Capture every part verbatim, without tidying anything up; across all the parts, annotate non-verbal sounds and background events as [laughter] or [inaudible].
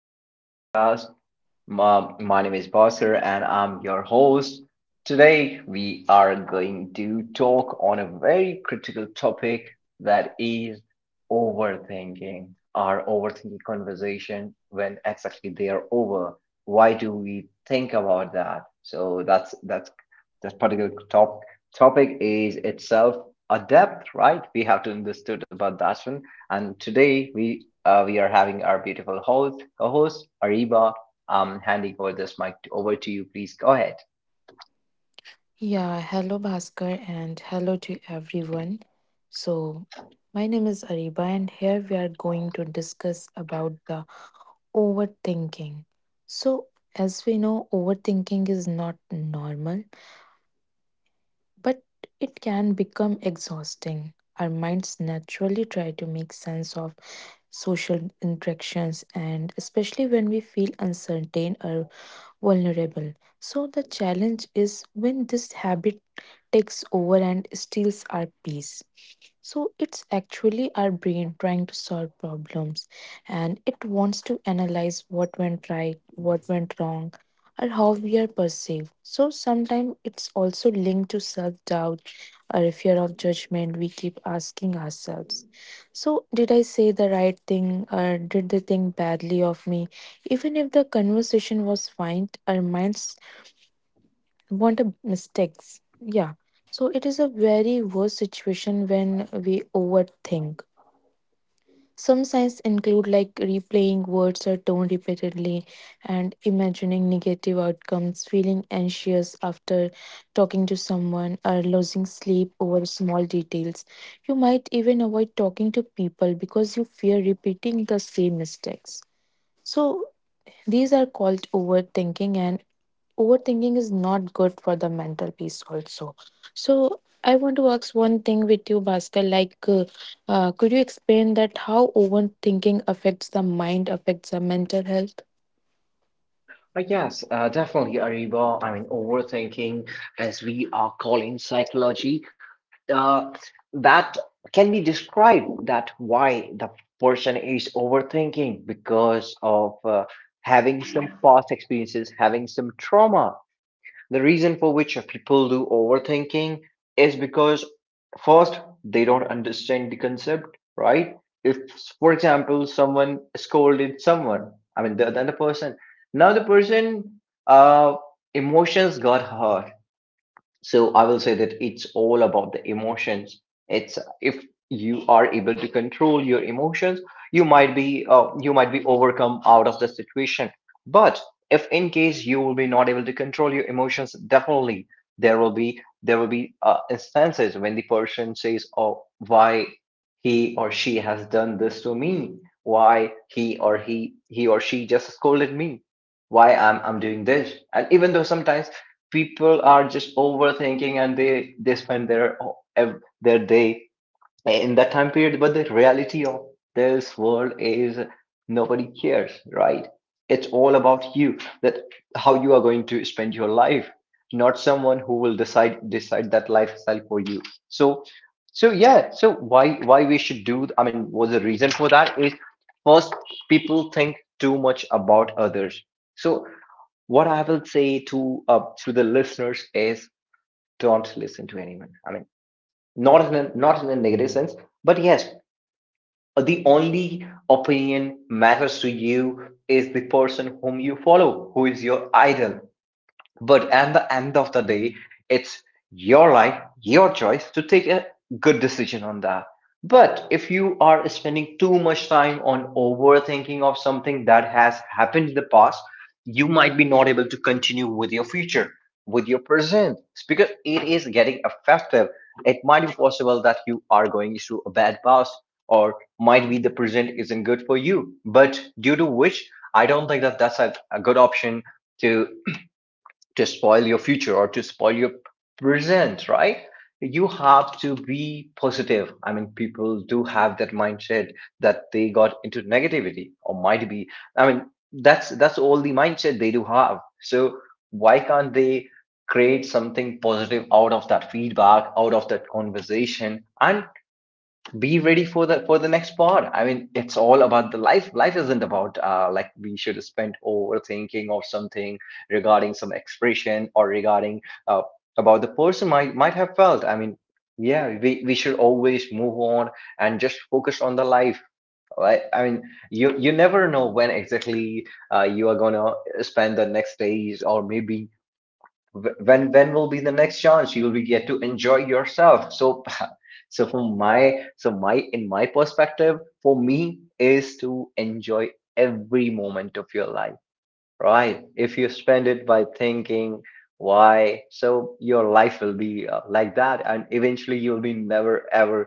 to the podcast. My, my name is Basir and I'm your host. Today we are going to talk on a very critical topic, that is overthinking. Our overthinking conversation, when exactly they are over. Why do we think about that? So that's that's that particular top topic is itself a depth, right? We have to understood about that one. And today we uh, we are having our beautiful host, co-host Ariba. I'm handing over this mic to, over to you. Please go ahead. Yeah, hello Bhaskar and hello to everyone. So, my name is Ariba and here we are going to discuss about the overthinking. So, as we know, overthinking is not normal, but it can become exhausting. Our minds naturally try to make sense of social interactions and especially when we feel uncertain or vulnerable. So the challenge is when this habit takes over and steals our peace. So it's actually our brain trying to solve problems and it wants to analyze what went right, what went wrong, or how we are perceived. So sometimes it's also linked to self doubt or a fear of judgment we keep asking ourselves. So, did I say the right thing or did they think badly of me? Even if the conversation was fine, our minds want a mistakes. Yeah. So it is a very worse situation when we overthink. Some signs include like replaying words or tone repeatedly and imagining negative outcomes, feeling anxious after talking to someone, or losing sleep over small details. You might even avoid talking to people because you fear repeating the same mistakes. So these are called overthinking and overthinking is not good for the mental peace also, so I want to ask one thing with you Bhaskar, like uh, uh, could you explain that how overthinking affects the mind, affects the mental health? Uh, Yes, uh, Definitely, Ariba. I mean, overthinking, as we are calling psychology, uh, that can be described, that why the person is overthinking, because of uh, having some past experiences, having some trauma. The reason for which people do overthinking is because, first, they don't understand the concept, right? If, for example, someone scolded someone, I mean, the the other person, now the person, uh, emotions got hurt. So I will say that it's all about the emotions. It's, if you are able to control your emotions, you might be uh, you might be overcome out of the situation. But if in case you will be not able to control your emotions, definitely there will be there will be uh, instances when the person says, oh, why he or she has done this to me, why he or he he or she just scolded me, why i'm i'm doing this. And even though sometimes people are just overthinking and they they spend their ev- their day in that time period. But the reality of this world is, nobody cares, right? It's all about you, that how you are going to spend your life, not someone who will decide decide that lifestyle for you. So, so yeah, so why why we should do, I mean, was the reason for that is, first, people think too much about others. So what I will say to uh, to the listeners is, don't listen to anyone. I mean, not in a, not in a negative sense, but yes, uh, the only opinion matters to you is the person whom you follow, who is your idol. But at the end of the day, it's your life, your choice to take a good decision on that. But if you are spending too much time on overthinking of something that has happened in the past, you might be not able to continue with your future, with your present, because it is getting affected. It might be possible that you are going through a bad past, or might be the present isn't good for you. But due to which, I don't think that that's a, a good option to to spoil your future or to spoil your present, right? You have to be positive. I mean, people do have that mindset that they got into negativity or might be. I mean, that's that's all the mindset they do have. So why can't they create something positive out of that feedback, out of that conversation, and be ready for the for the next part. I mean, it's all about the life. Life isn't about uh like we should spend overthinking or something regarding some expression or regarding uh about the person might might have felt. I mean, yeah, we, we should always move on and just focus on the life, right? I mean, you you never know when exactly uh you are gonna spend the next days, or maybe Wh- when when will be the next chance you will get to enjoy yourself. So [laughs] so from my so my in my perspective, for me is to enjoy every moment of your life, right? If you spend it by thinking why, so your life will be uh, like that and eventually you'll be never ever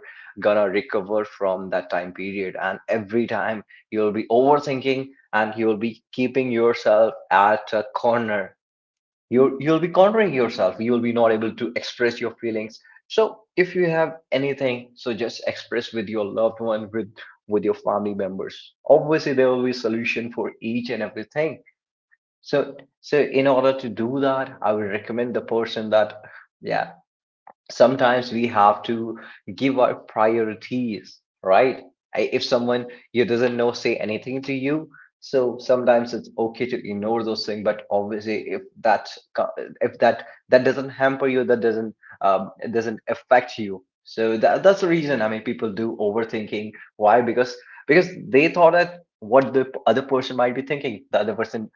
gonna recover from that time period. And every time you'll be overthinking and you'll be keeping yourself at a corner. You you'll be cornering yourself, you'll be not able to express your feelings. So if you have anything, so just express with your loved one, with with your family members. Obviously there will be solution for each and everything. So, so in order to do that, I would recommend the person that, yeah, sometimes we have to give our priorities, right? I- if someone you doesn't know say anything to you, so sometimes it's okay to ignore those things. But obviously if that co- if that that doesn't hamper you, that doesn't um, it doesn't affect you, so that, that's the reason. I mean, people do overthinking. Why? because because they thought that what the p- other person might be thinking, the other person,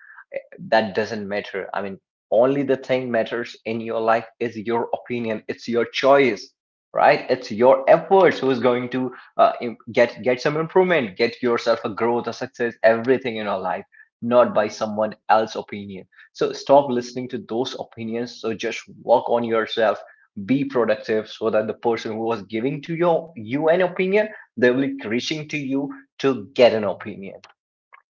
that doesn't matter. I mean, only the thing matters in your life is your opinion. It's your choice, right? It's your efforts who is going to uh, im- get get some improvement, get yourself a growth, a success, everything in your life, not by someone else's opinion. So stop listening to those opinions. So just work on yourself. Be productive so that the person who was giving to your you an opinion, they will be reaching to you to get an opinion.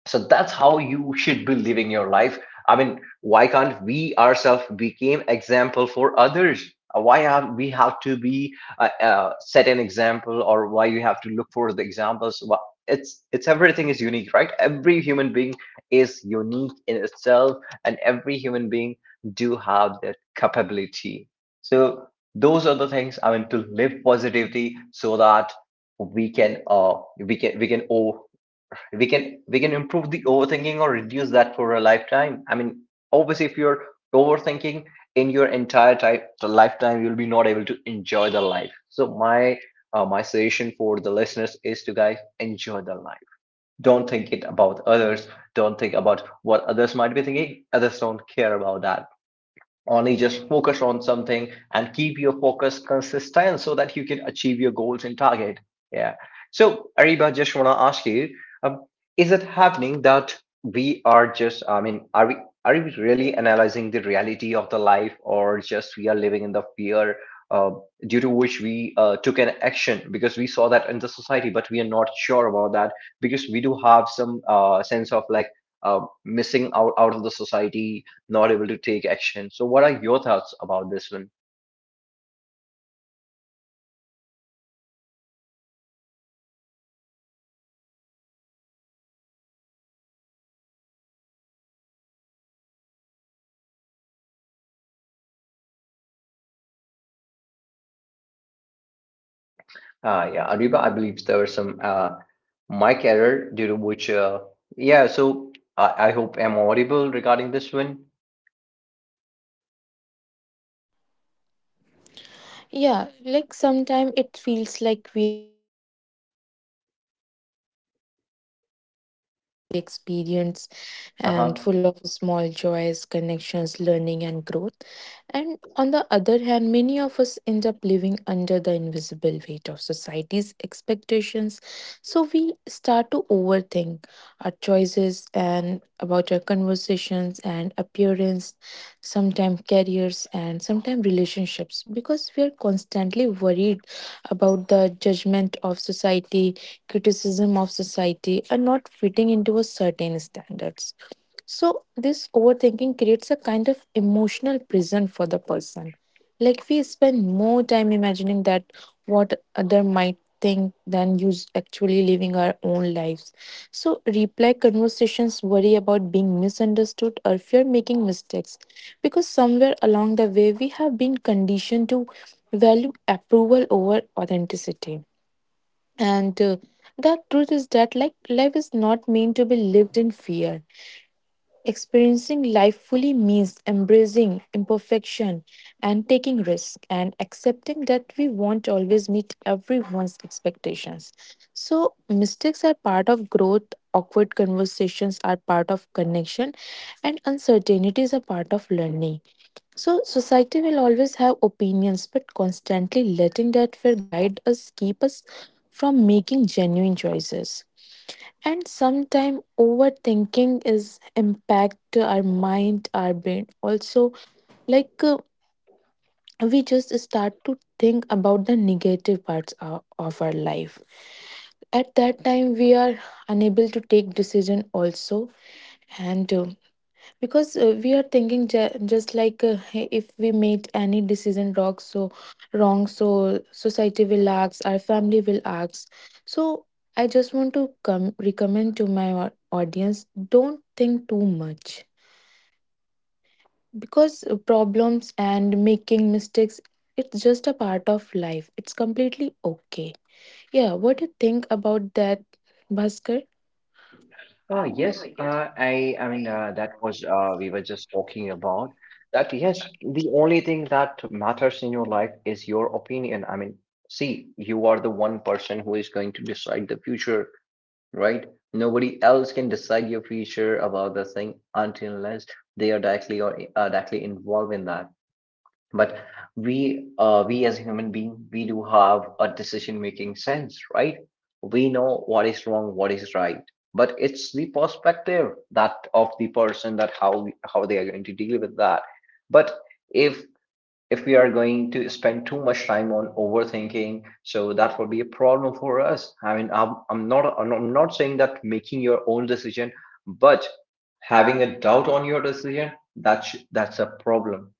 So that's how you should be living your life. I mean, why can't we ourselves become example for others? Uh, why are we have to be uh, uh, set an example, or why you have to look for the examples? Wha- it's it's everything is unique, right? Every human being is unique in itself, and every human being do have that capability. So those are the things. I mean, to live positivity, so that we can uh we can we can we can we can improve the overthinking or reduce that for a lifetime. I mean, obviously if you're overthinking in your entire type, the lifetime, you'll be not able to enjoy the life. So my uh, my suggestion for the listeners is to, guys, enjoy the life. Don't think it about others. Don't think about what others might be thinking. Others don't care about that. Only just focus on something and keep your focus consistent so that you can achieve your goals and target. Yeah. So, Ariba, just want to ask you, um, is it happening that we are just, I mean, are we are we really analyzing the reality of the life, or just we are living in the fear, uh, due to which we uh, took an action because we saw that in the society, but we are not sure about that, because we do have some uh, sense of like uh, missing out out of the society, not able to take action. So, what are your thoughts about this one? Uh, yeah, Ariba, I believe there were some uh, mic error, due to which, uh, yeah, so I, I hope I'm audible regarding this one. Yeah, like sometimes it feels like we experience and Uh-huh. full of small joys, connections, learning, and growth. And on the other hand, many of us end up living under the invisible weight of society's expectations. So we start to overthink our choices and about our conversations and appearance, sometimes careers, and sometimes relationships because we are constantly worried about the judgment of society, criticism of society, and not fitting into a certain standards. So, this overthinking creates a kind of emotional prison for the person. Like, we spend more time imagining that what other might think than use actually living our own lives. So, reply conversations worry about being misunderstood or fear making mistakes because somewhere along the way we have been conditioned to value approval over authenticity. And uh, The truth is that, like, life is not meant to be lived in fear. Experiencing life fully means embracing imperfection and taking risks and accepting that we won't always meet everyone's expectations. So, mistakes are part of growth, awkward conversations are part of connection, and uncertainties are part of learning. So, society will always have opinions, but constantly letting that fear guide us, keep us from making genuine choices. And sometimes overthinking is impact our mind, our brain. Also, like uh, we just start to think about the negative parts o- of our life. At that time, we are unable to take decision also, and uh, because uh, we are thinking ju- just like uh, hey, if we made any decision wrong so wrong so society will ask, our family will ask. So I just want to come recommend to my au- audience, don't think too much because uh, problems and making mistakes, it's just a part of life, it's completely okay. Yeah, what do you think about that, Bhaskar? Uh, yes, uh, I, I mean, uh, that was, uh, we were just talking about that. Yes, the only thing that matters in your life is your opinion. I mean, see, you are the one person who is going to decide the future, right? Nobody else can decide your future about the thing until unless they are directly or uh, directly involved in that. But we, uh, we as a human being, we do have a decision making sense, right? We know what is wrong, what is right, but it's the perspective that of the person, that how how they are going to deal with that. But if if we are going to spend too much time on overthinking, so that will be a problem for us. I mean, i'm, I'm not I'm not I'm not saying that making your own decision, but having a doubt on your decision, that's that's a problem.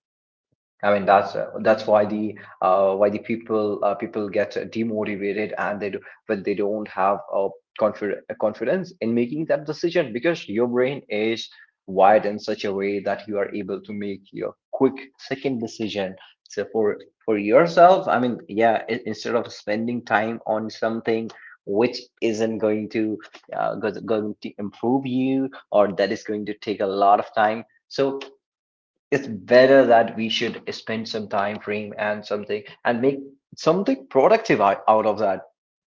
I mean, that's uh, that's why the uh, why the people uh, people get uh, demotivated, and they do, when they don't have a confi- a confidence in making that decision, because your brain is wired in such a way that you are able to make your quick second decision. So for for yourself, I mean, yeah, i- instead of spending time on something which isn't going to uh, go- going to improve you, or that is going to take a lot of time. So it's better that we should spend some time frame and something, and make something productive out, out of that,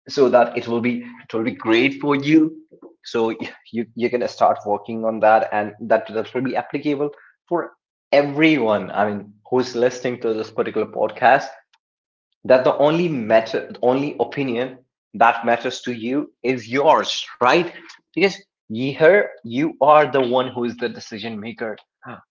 so that it will be, it will be great for you. So you you can start working on that, and that that will be applicable for everyone. I mean, who's listening to this particular podcast, that the only matter only opinion that matters to you is yours, right? Because here you are the one who is the decision maker.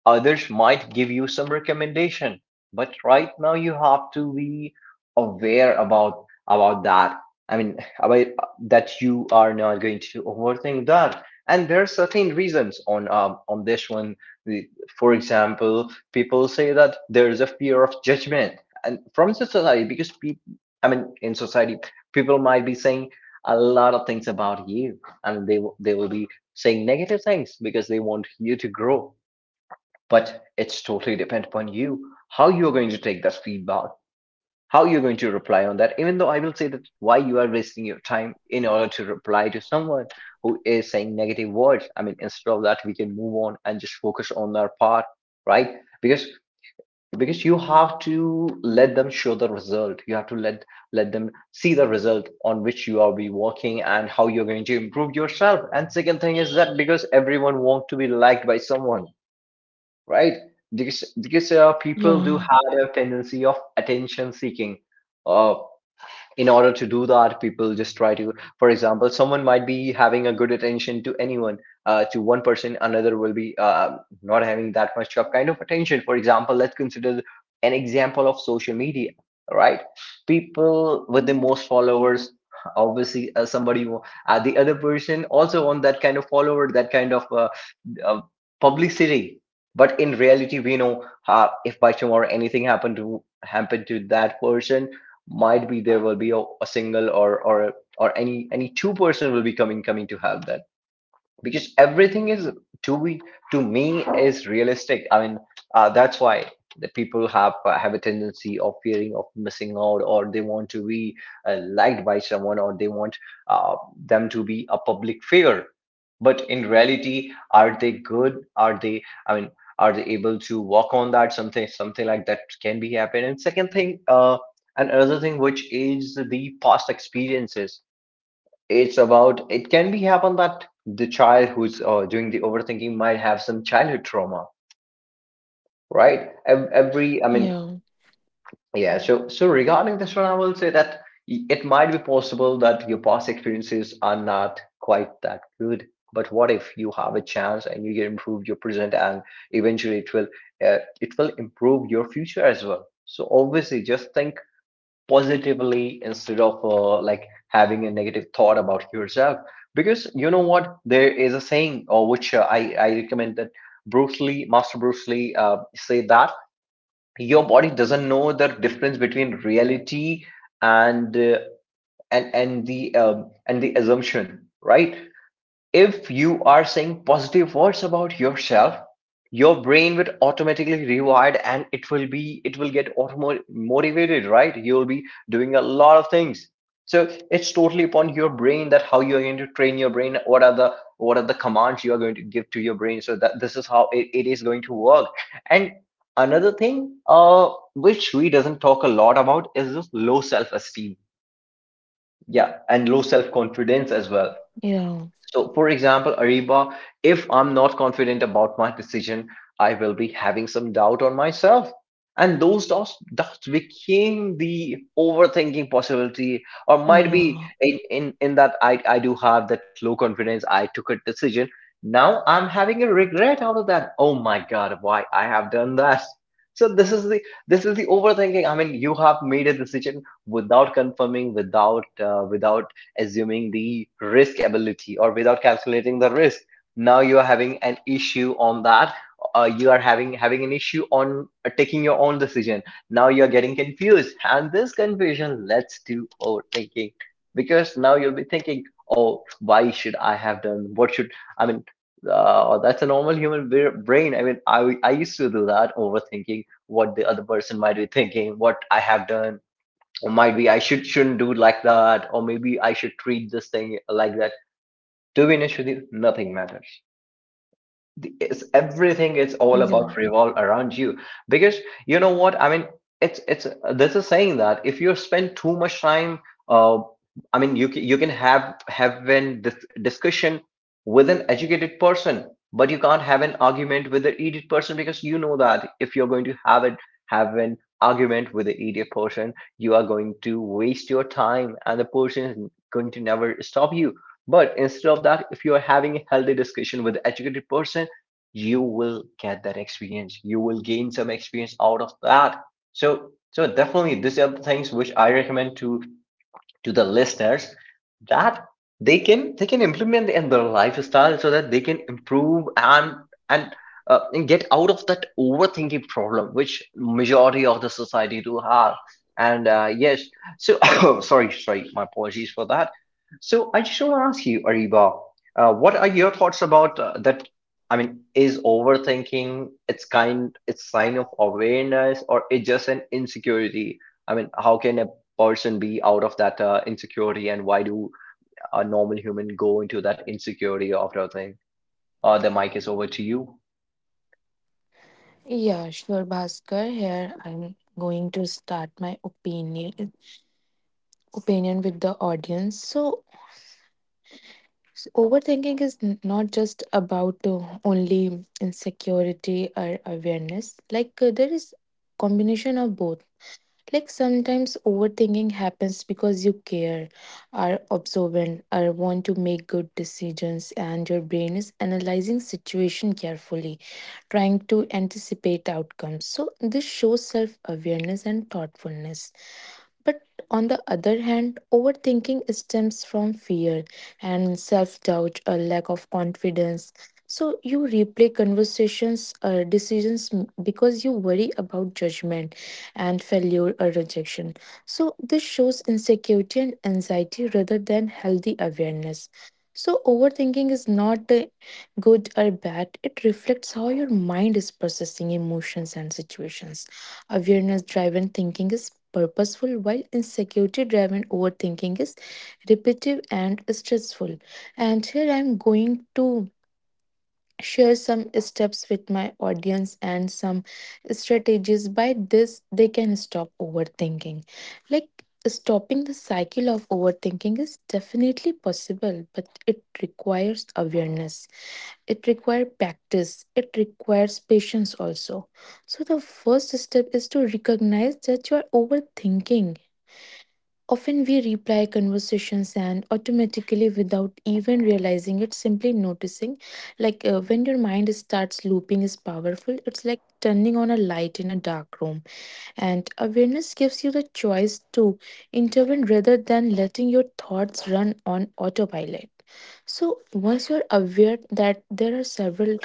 Others might give you some recommendation, but right now you have to be aware about about that. I mean, about that, you are not going to overthink that. And there are certain reasons on um, on this one. The- For example, people say that there is a fear of judgment, and from the society because people, I mean, in society, people might be saying a lot of things about you, and they will- they will be saying negative things because they want you to grow but it's totally depend upon you how you're going to take that feedback, how you're going to reply on that. Even though I will say that why you are wasting your time in order to reply to someone who is saying negative words. I mean, instead of that, we can move on and just focus on our part, right? Because because you have to let them show the result. You have to let let them see the result on which you are be working and how you're going to improve yourself. And second thing is that because everyone wants to be liked by someone, right? Because because uh, people do yeah have a tendency of attention seeking. Uh, in order to do that people just try to, for example, someone might be having a good attention to anyone, uh, to one person, another will be uh, not having that much of kind of attention. For example, let's consider an example of social media, right? People with the most followers, obviously uh, somebody who- uh, the other person also on that kind of follower, that kind of uh, uh, publicity. But in reality we know, uh, if by tomorrow anything happened to happen to that person, might be there will be a, a single or or or any any two person will be coming coming to help that, because everything is to be, to me, is realistic. I mean, uh, that's why the people have uh, have a tendency of fearing of missing out, or they want to be uh, liked by someone, or they want uh, them to be a public figure. But in reality, are they good? Are they, I mean, are they able to walk on that? Something something like that can be happen. And second thing uh, and another thing which is the past experiences. It's about, it can be happen that the child who's uh, doing the overthinking might have some childhood trauma, right? Ev- every, I mean, yeah yeah, so so regarding this one I will say that, y- it might be possible that your past experiences are not quite that good, but what if you have a chance and you get improved your present, and eventually it will, uh, it will improve your future as well. So obviously just think positively instead of, uh, like, having a negative thought about yourself. Because, you know what, there is a saying or which, uh, I, I recommend that Bruce Lee, master Bruce Lee, uh, say that your body doesn't know the difference between reality and uh, and and the um, and the assumption, right? If you are saying positive words about yourself, your brain would automatically rewire and it will be it will get auto motivated, right? You'll be doing a lot of things. So it's totally upon your brain that how you're going to train your brain, what are the what are the commands you are going to give to your brain so that this is how it, it is going to work. And another thing uh which we doesn't talk a lot about is this low self-esteem. Yeah, and low self-confidence as well. yeah So, for example, Ariba, if I'm not confident about my decision, I will be having some doubt on myself. And those doubts, doubts became the overthinking possibility, or might be yeah in, in, in that, I, I do have that low confidence, I took a decision. Now I'm having a regret out of that. Oh my God, why I have done that. So this is the this is the overthinking. I mean, you have made a decision without confirming, without uh, without assuming the risk ability, or without calculating the risk. Now you are having an issue on that. Uh, you are having having an issue on uh, taking your own decision. Now you are getting confused, and this confusion leads to overthinking, because now you'll be thinking, oh, why should I have done, what should, I mean, uh, that's a normal human brain. I mean, i i used to do that overthinking, what the other person might be thinking, what I have done, or might be I should shouldn't do it like that, or maybe I should treat this thing like that. To be honest with you, nothing matters. The- it's everything, it's all yeah about revolve around you, because, you know what I mean, it's it's there's a saying that if you spend too much time, uh, I mean, you can, you can have have an dis- discussion with an educated person, but you can't have an argument with an idiot person, because you know that if you're going to have it, have an argument with an idiot person, you are going to waste your time and the person is going to never stop you. But instead of that, if you are having a healthy discussion with an educated person, you will get that experience, you will gain some experience out of that. So so definitely these are the things which I recommend to to the listeners, that they can they can implement in their lifestyle so that they can improve, and and uh, and get out of that overthinking problem which majority of the society do have. And uh, yes, so [coughs] sorry sorry my apologies for that. So I just want to ask you, Ariba, uh, what are your thoughts about uh, that. I mean, is overthinking its kind, its sign of awareness, or it's just an insecurity? I mean, how can a person be out of that uh, insecurity, and why do a normal human go into that insecurity after a thing? Uh, the mic is over to you. Yeah, sure, Bhaskar. Here I'm going to start my opinion opinion with the audience. So, s- overthinking is n- not just about uh, only insecurity or awareness. Like uh, there is combination of both. Like sometimes overthinking happens because you care, are observant, or want to make good decisions, and your brain is analyzing situation carefully trying to anticipate outcomes. So, this shows self awareness and thoughtfulness. But on the other hand, overthinking stems from fear and self doubt, or lack of confidence. So you replay conversations or decisions m- because you worry about judgment and failure or rejection. So this shows insecurity and anxiety rather than healthy awareness. So overthinking is not uh, good or bad, it reflects how your mind is processing emotions and situations. Awareness driven thinking is purposeful, while insecurity driven overthinking is repetitive and stressful. And here I'm going to share some steps with my audience and some strategies by this they can stop overthinking. Like, stopping the cycle of overthinking is definitely possible but it requires awareness, it requires practice, it requires patience also. So the first step is to recognize that you are overthinking. Often we replay conversations and automatically without even realizing it. Simply noticing like uh, when your mind starts looping is powerful, it's like turning on a light in a dark room, and awareness gives you the choice to intervene rather than letting your thoughts run on autopilot. So once you're aware, that there are several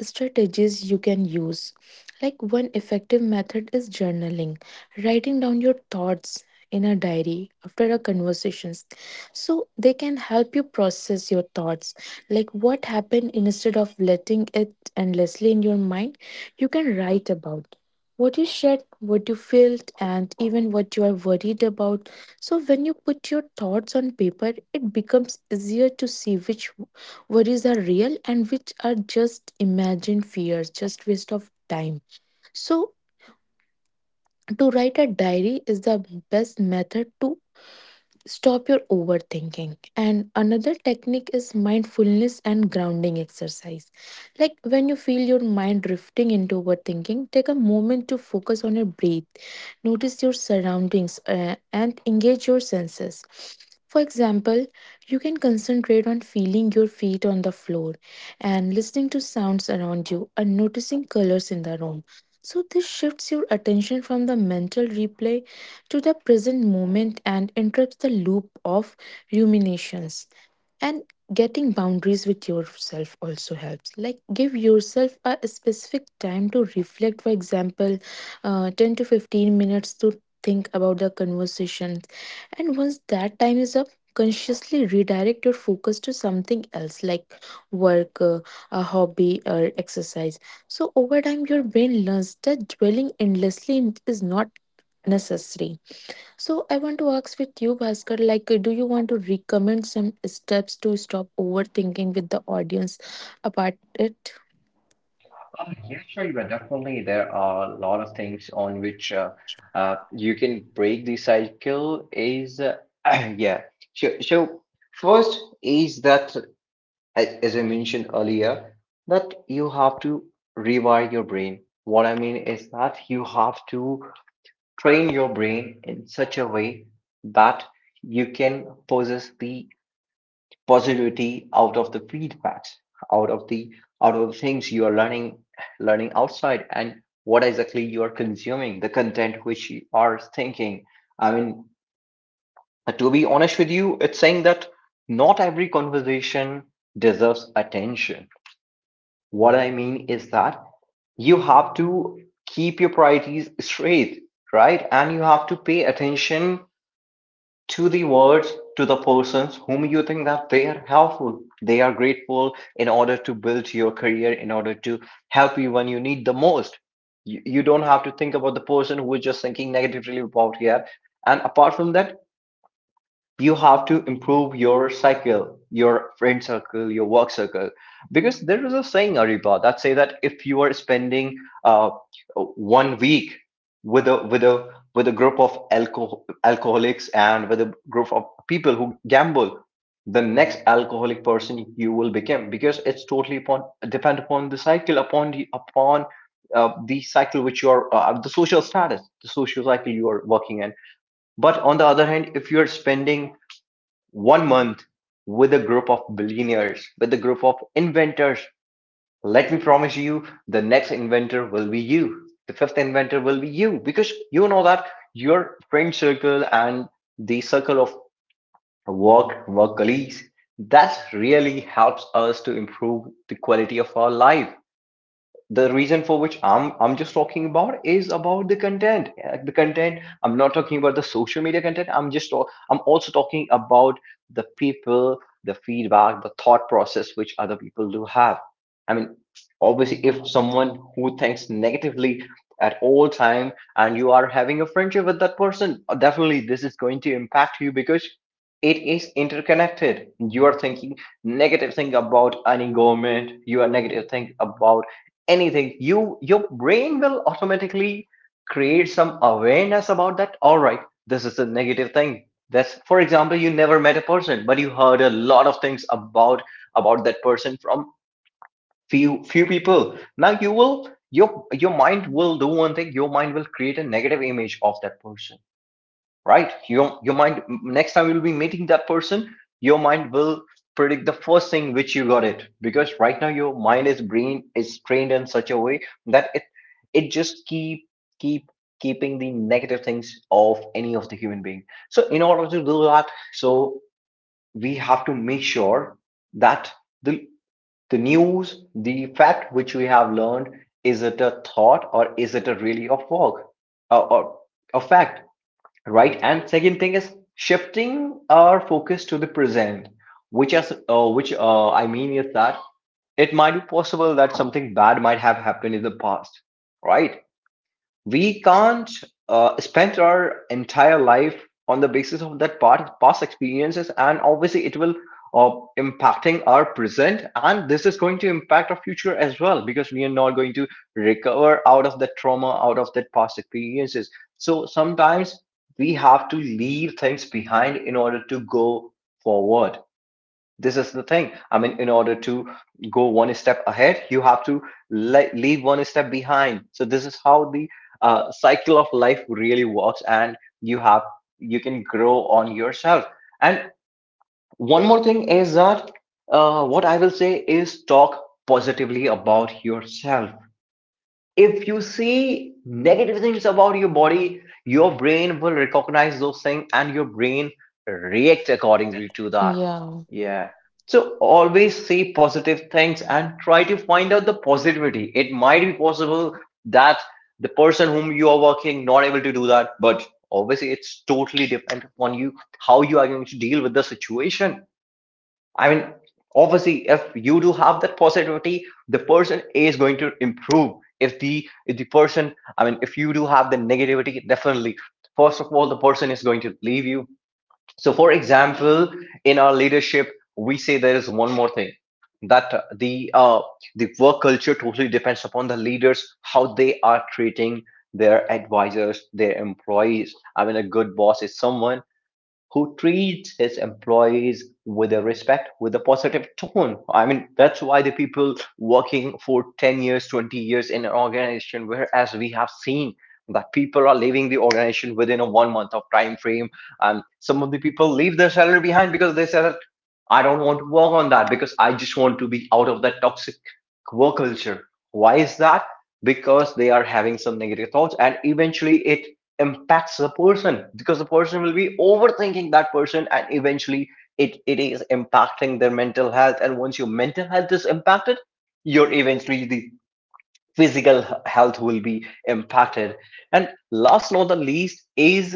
strategies you can use, like one effective method is journaling, writing down your thoughts in a diary after a conversations, so they can help you process your thoughts, like what happened instead of letting it endlessly in your mind. You can write about what you shared, what you felt, and even what you are worried about. So, when you put your thoughts on paper, it becomes easier to see which worries are real and which are just imagined fears, just waste of time. So, to write a diary is the best method to stop your overthinking. And another technique is mindfulness and grounding exercise. Like, when you feel your mind drifting into overthinking, take a moment to focus on your breath, notice your surroundings, uh, and engage your senses. For example, you can concentrate on feeling your feet on the floor and listening to sounds around you and noticing colors in the room. So this shifts your attention from the mental replay to the present moment and interrupts the loop of ruminations. And getting boundaries with yourself also helps. Like, give yourself a specific time to reflect, for example, uh, ten to fifteen minutes to think about the conversation. And once that time is up, consciously redirect your focus to something else like work, uh, a hobby or exercise. So over time your brain learns that dwelling endlessly is not necessary. So I want to ask with you, Bhaskar, like, do you want to recommend some steps to stop overthinking with the audience about it? Uh, yeah, sure. Yeah, definitely. There are a lot of things on which uh, uh, you can break the cycle. Is uh, [clears throat] yeah. So, so first is that, a- as I mentioned earlier, that you have to rewire your brain. What I mean is that you have to train your brain in such a way that you can possess the positivity out of the feedback, out of the out of the things you are learning learning outside, and what exactly you are consuming, the content which you are thinking. I mean, to be honest with you, it's saying that not every conversation deserves attention. What I mean is that you have to keep your priorities straight, right? And you have to pay attention to the words, to the persons whom you think that they are helpful, they are grateful, in order to build your career, in order to help you when you need the most. You, you don't have to think about the person who is just thinking negatively about you. And apart from that, you have to improve your cycle, your friend circle, your work circle, because there is a saying, Ariba, that say that if you are spending uh, one week with a with a with a group of alcohol, alcoholics, and with a group of people who gamble, the next alcoholic person you will become, because it's totally upon depend upon the cycle, upon the, upon uh, the cycle which you are, uh, the social status, the social cycle you are working in. But on the other hand, if you're spending one month with a group of billionaires, with a group of inventors, let me promise you, the next inventor will be you. The fifth inventor will be you. Because you know that your friend circle and the circle of work, work colleagues, that really helps us to improve the quality of our life. The reason for which I'm I'm just talking about is about the content. Uh, The content. I'm not talking about the social media content. I'm just talk, I'm also talking about the people, the feedback, the thought process which other people do have. I mean, obviously, if someone who thinks negatively at all time and you are having a friendship with that person, uh, definitely this is going to impact you, because it is interconnected. You are thinking negative thing about any government. You are negative thing about anything you your brain will automatically create some awareness about that. All right, this is a negative thing. That's for example, you never met a person but you heard a lot of things about about that person from few few people. Now you will your your mind will do one thing. Your mind will create a negative image of that person, right? Your your mind next time you'll be meeting that person, your mind will predict the first thing which you got it, because right now your mind is brain is trained in such a way that it it just keep keep keeping the negative things of any of the human being. So in order to do that, so we have to make sure that the the news, the fact which we have learned, is it a thought or is it a really a fog or, or a fact? Right, and second thing is shifting our focus to the present, which as uh, which uh, I mean is that it might be possible that something bad might have happened in the past, right? We can't uh, spend our entire life on the basis of that part, past experiences, and obviously it will uh, impacting our present, and this is going to impact our future as well because we are not going to recover out of that trauma, out of that past experiences. So sometimes we have to leave things behind in order to go forward. This is the thing, I mean, in order to go one step ahead, you have to le- leave one step behind. So this is how the uh, cycle of life really works, and you have you can grow on yourself. And one more thing is that, uh, what I will say is talk positively about yourself. If you see negative things about your body, your brain will recognize those things and your brain react accordingly to that. Yeah, Yeah. So always see positive things and try to find out the positivity. It might be possible that the person whom you are working not able to do that, but obviously it's totally depend upon you how you are going to deal with the situation. I mean, obviously if you do have that positivity, the person is going to improve. If the if the person, I mean, if you do have the negativity, definitely first of all the person is going to leave you. So, for example, in our leadership, we say there is one more thing that uh, the uh, the work culture totally depends upon the leaders how they are treating their advisors, their employees. I mean, a good boss is someone who treats his employees with a respect, with a positive tone. I mean, that's why the people working for ten years, twenty years in an organization, whereas we have seen that people are leaving the organization within a one month of time frame, and some of the people leave their salary behind because they said I don't want to work on that because I just want to be out of that toxic work culture. Why is that? Because they are having some negative thoughts, and eventually it impacts the person because the person will be overthinking that person, and eventually it, it is impacting their mental health. And once your mental health is impacted, your eventually the physical health will be impacted. And last not the least is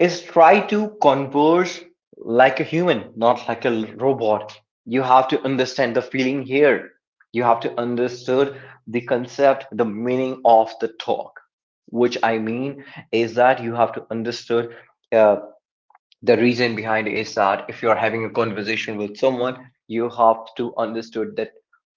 is try to converse like a human, not like a robot. You have to understand the feeling here. You have to understand the concept, the meaning of the talk. Which I mean is that you have to understand uh, the reason behind is that if you're having a conversation with someone, you have to understood that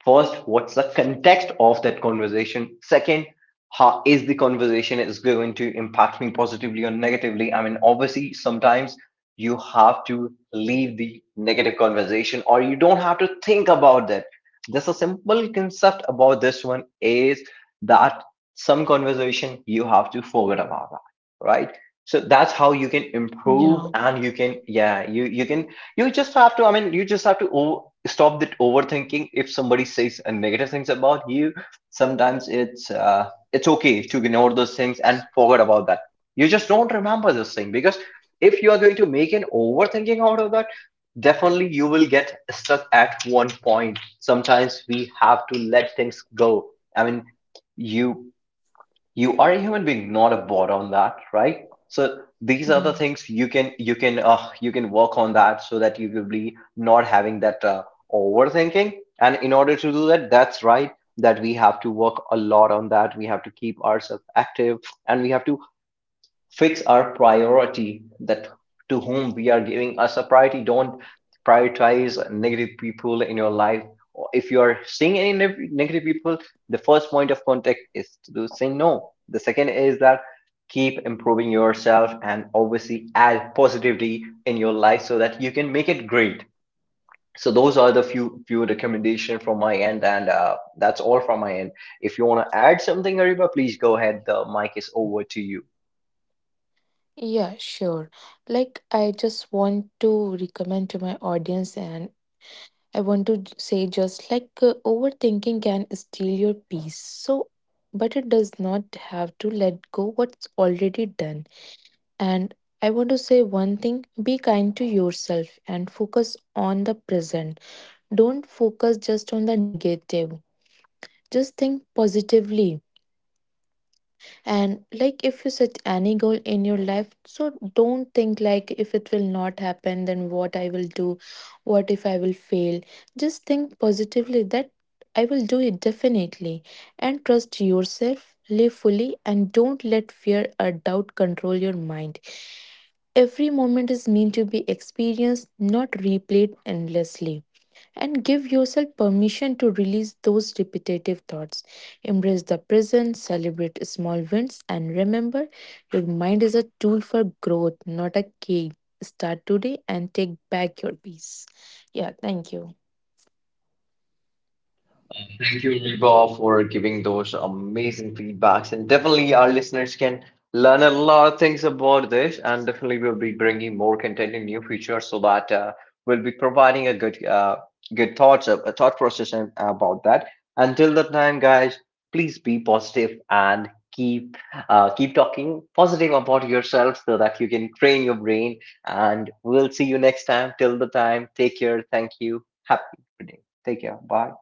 first, what's the context of that conversation? Second, how is the conversation is going to impact me positively or negatively? I mean, obviously, sometimes you have to leave the negative conversation or you don't have to think about that. Just a simple concept about this one is that some conversation you have to forget about that, right? So that's how you can improve yeah, and you can yeah you you can you just have to, I mean, you just have to o- stop that overthinking. If somebody says uh, negative things about you, sometimes it's uh, it's okay to ignore those things and forget about that. You just don't remember this thing because if you are going to make an overthinking out of that, definitely you will get stuck at one point. Sometimes we have to let things go. I mean, you you are a human being, not a bot on that, right? So these are the yeah. things you can you can uh, you can work on that so that you will be not having that uh, overthinking. And in order to do that, that's right that we have to work a lot on that. We have to keep ourselves active, and we have to fix our priority that to whom we are giving us a priority. Don't prioritize negative people in your life. Or if you are seeing any neg- negative people, the first point of contact is to say no. The second is that keep improving yourself, and obviously add positivity in your life so that you can make it great. So those are the few few recommendation from my end, and uh, that's all from my end. If you want to add something, Ariba, please go ahead, the mic is over to you. Yeah, sure. Like, I just want to recommend to my audience, and I want to j- say just like uh, overthinking can steal your peace. So, but it does not have to let go what's already done. And I want to say one thing, be kind to yourself and focus on the present, don't focus just on the negative, just think positively. And like if you set any goal in your life, so don't think like if it will not happen then what I will do, what if I will fail. Just think positively that I will do it definitely, and trust yourself. Live fully and don't let fear or doubt control your mind. Every moment is meant to be experienced, not replayed endlessly. And give yourself permission to release those repetitive thoughts. Embrace the present, celebrate small wins, and remember your mind is a tool for growth, not a cage. Start today and take back your peace. Yeah, thank you. Thank you, Reba, for giving those amazing feedbacks. And definitely, our listeners can learn a lot of things about this. And definitely, we'll be bringing more content in new future so that uh, we'll be providing a good, uh, good thoughts, a, a thought process and- about that. Until that time, guys, please be positive and keep, uh, keep talking positive about yourself so that you can train your brain. And we'll see you next time. Till the time, take care. Thank you. Happy day. Take care. Bye.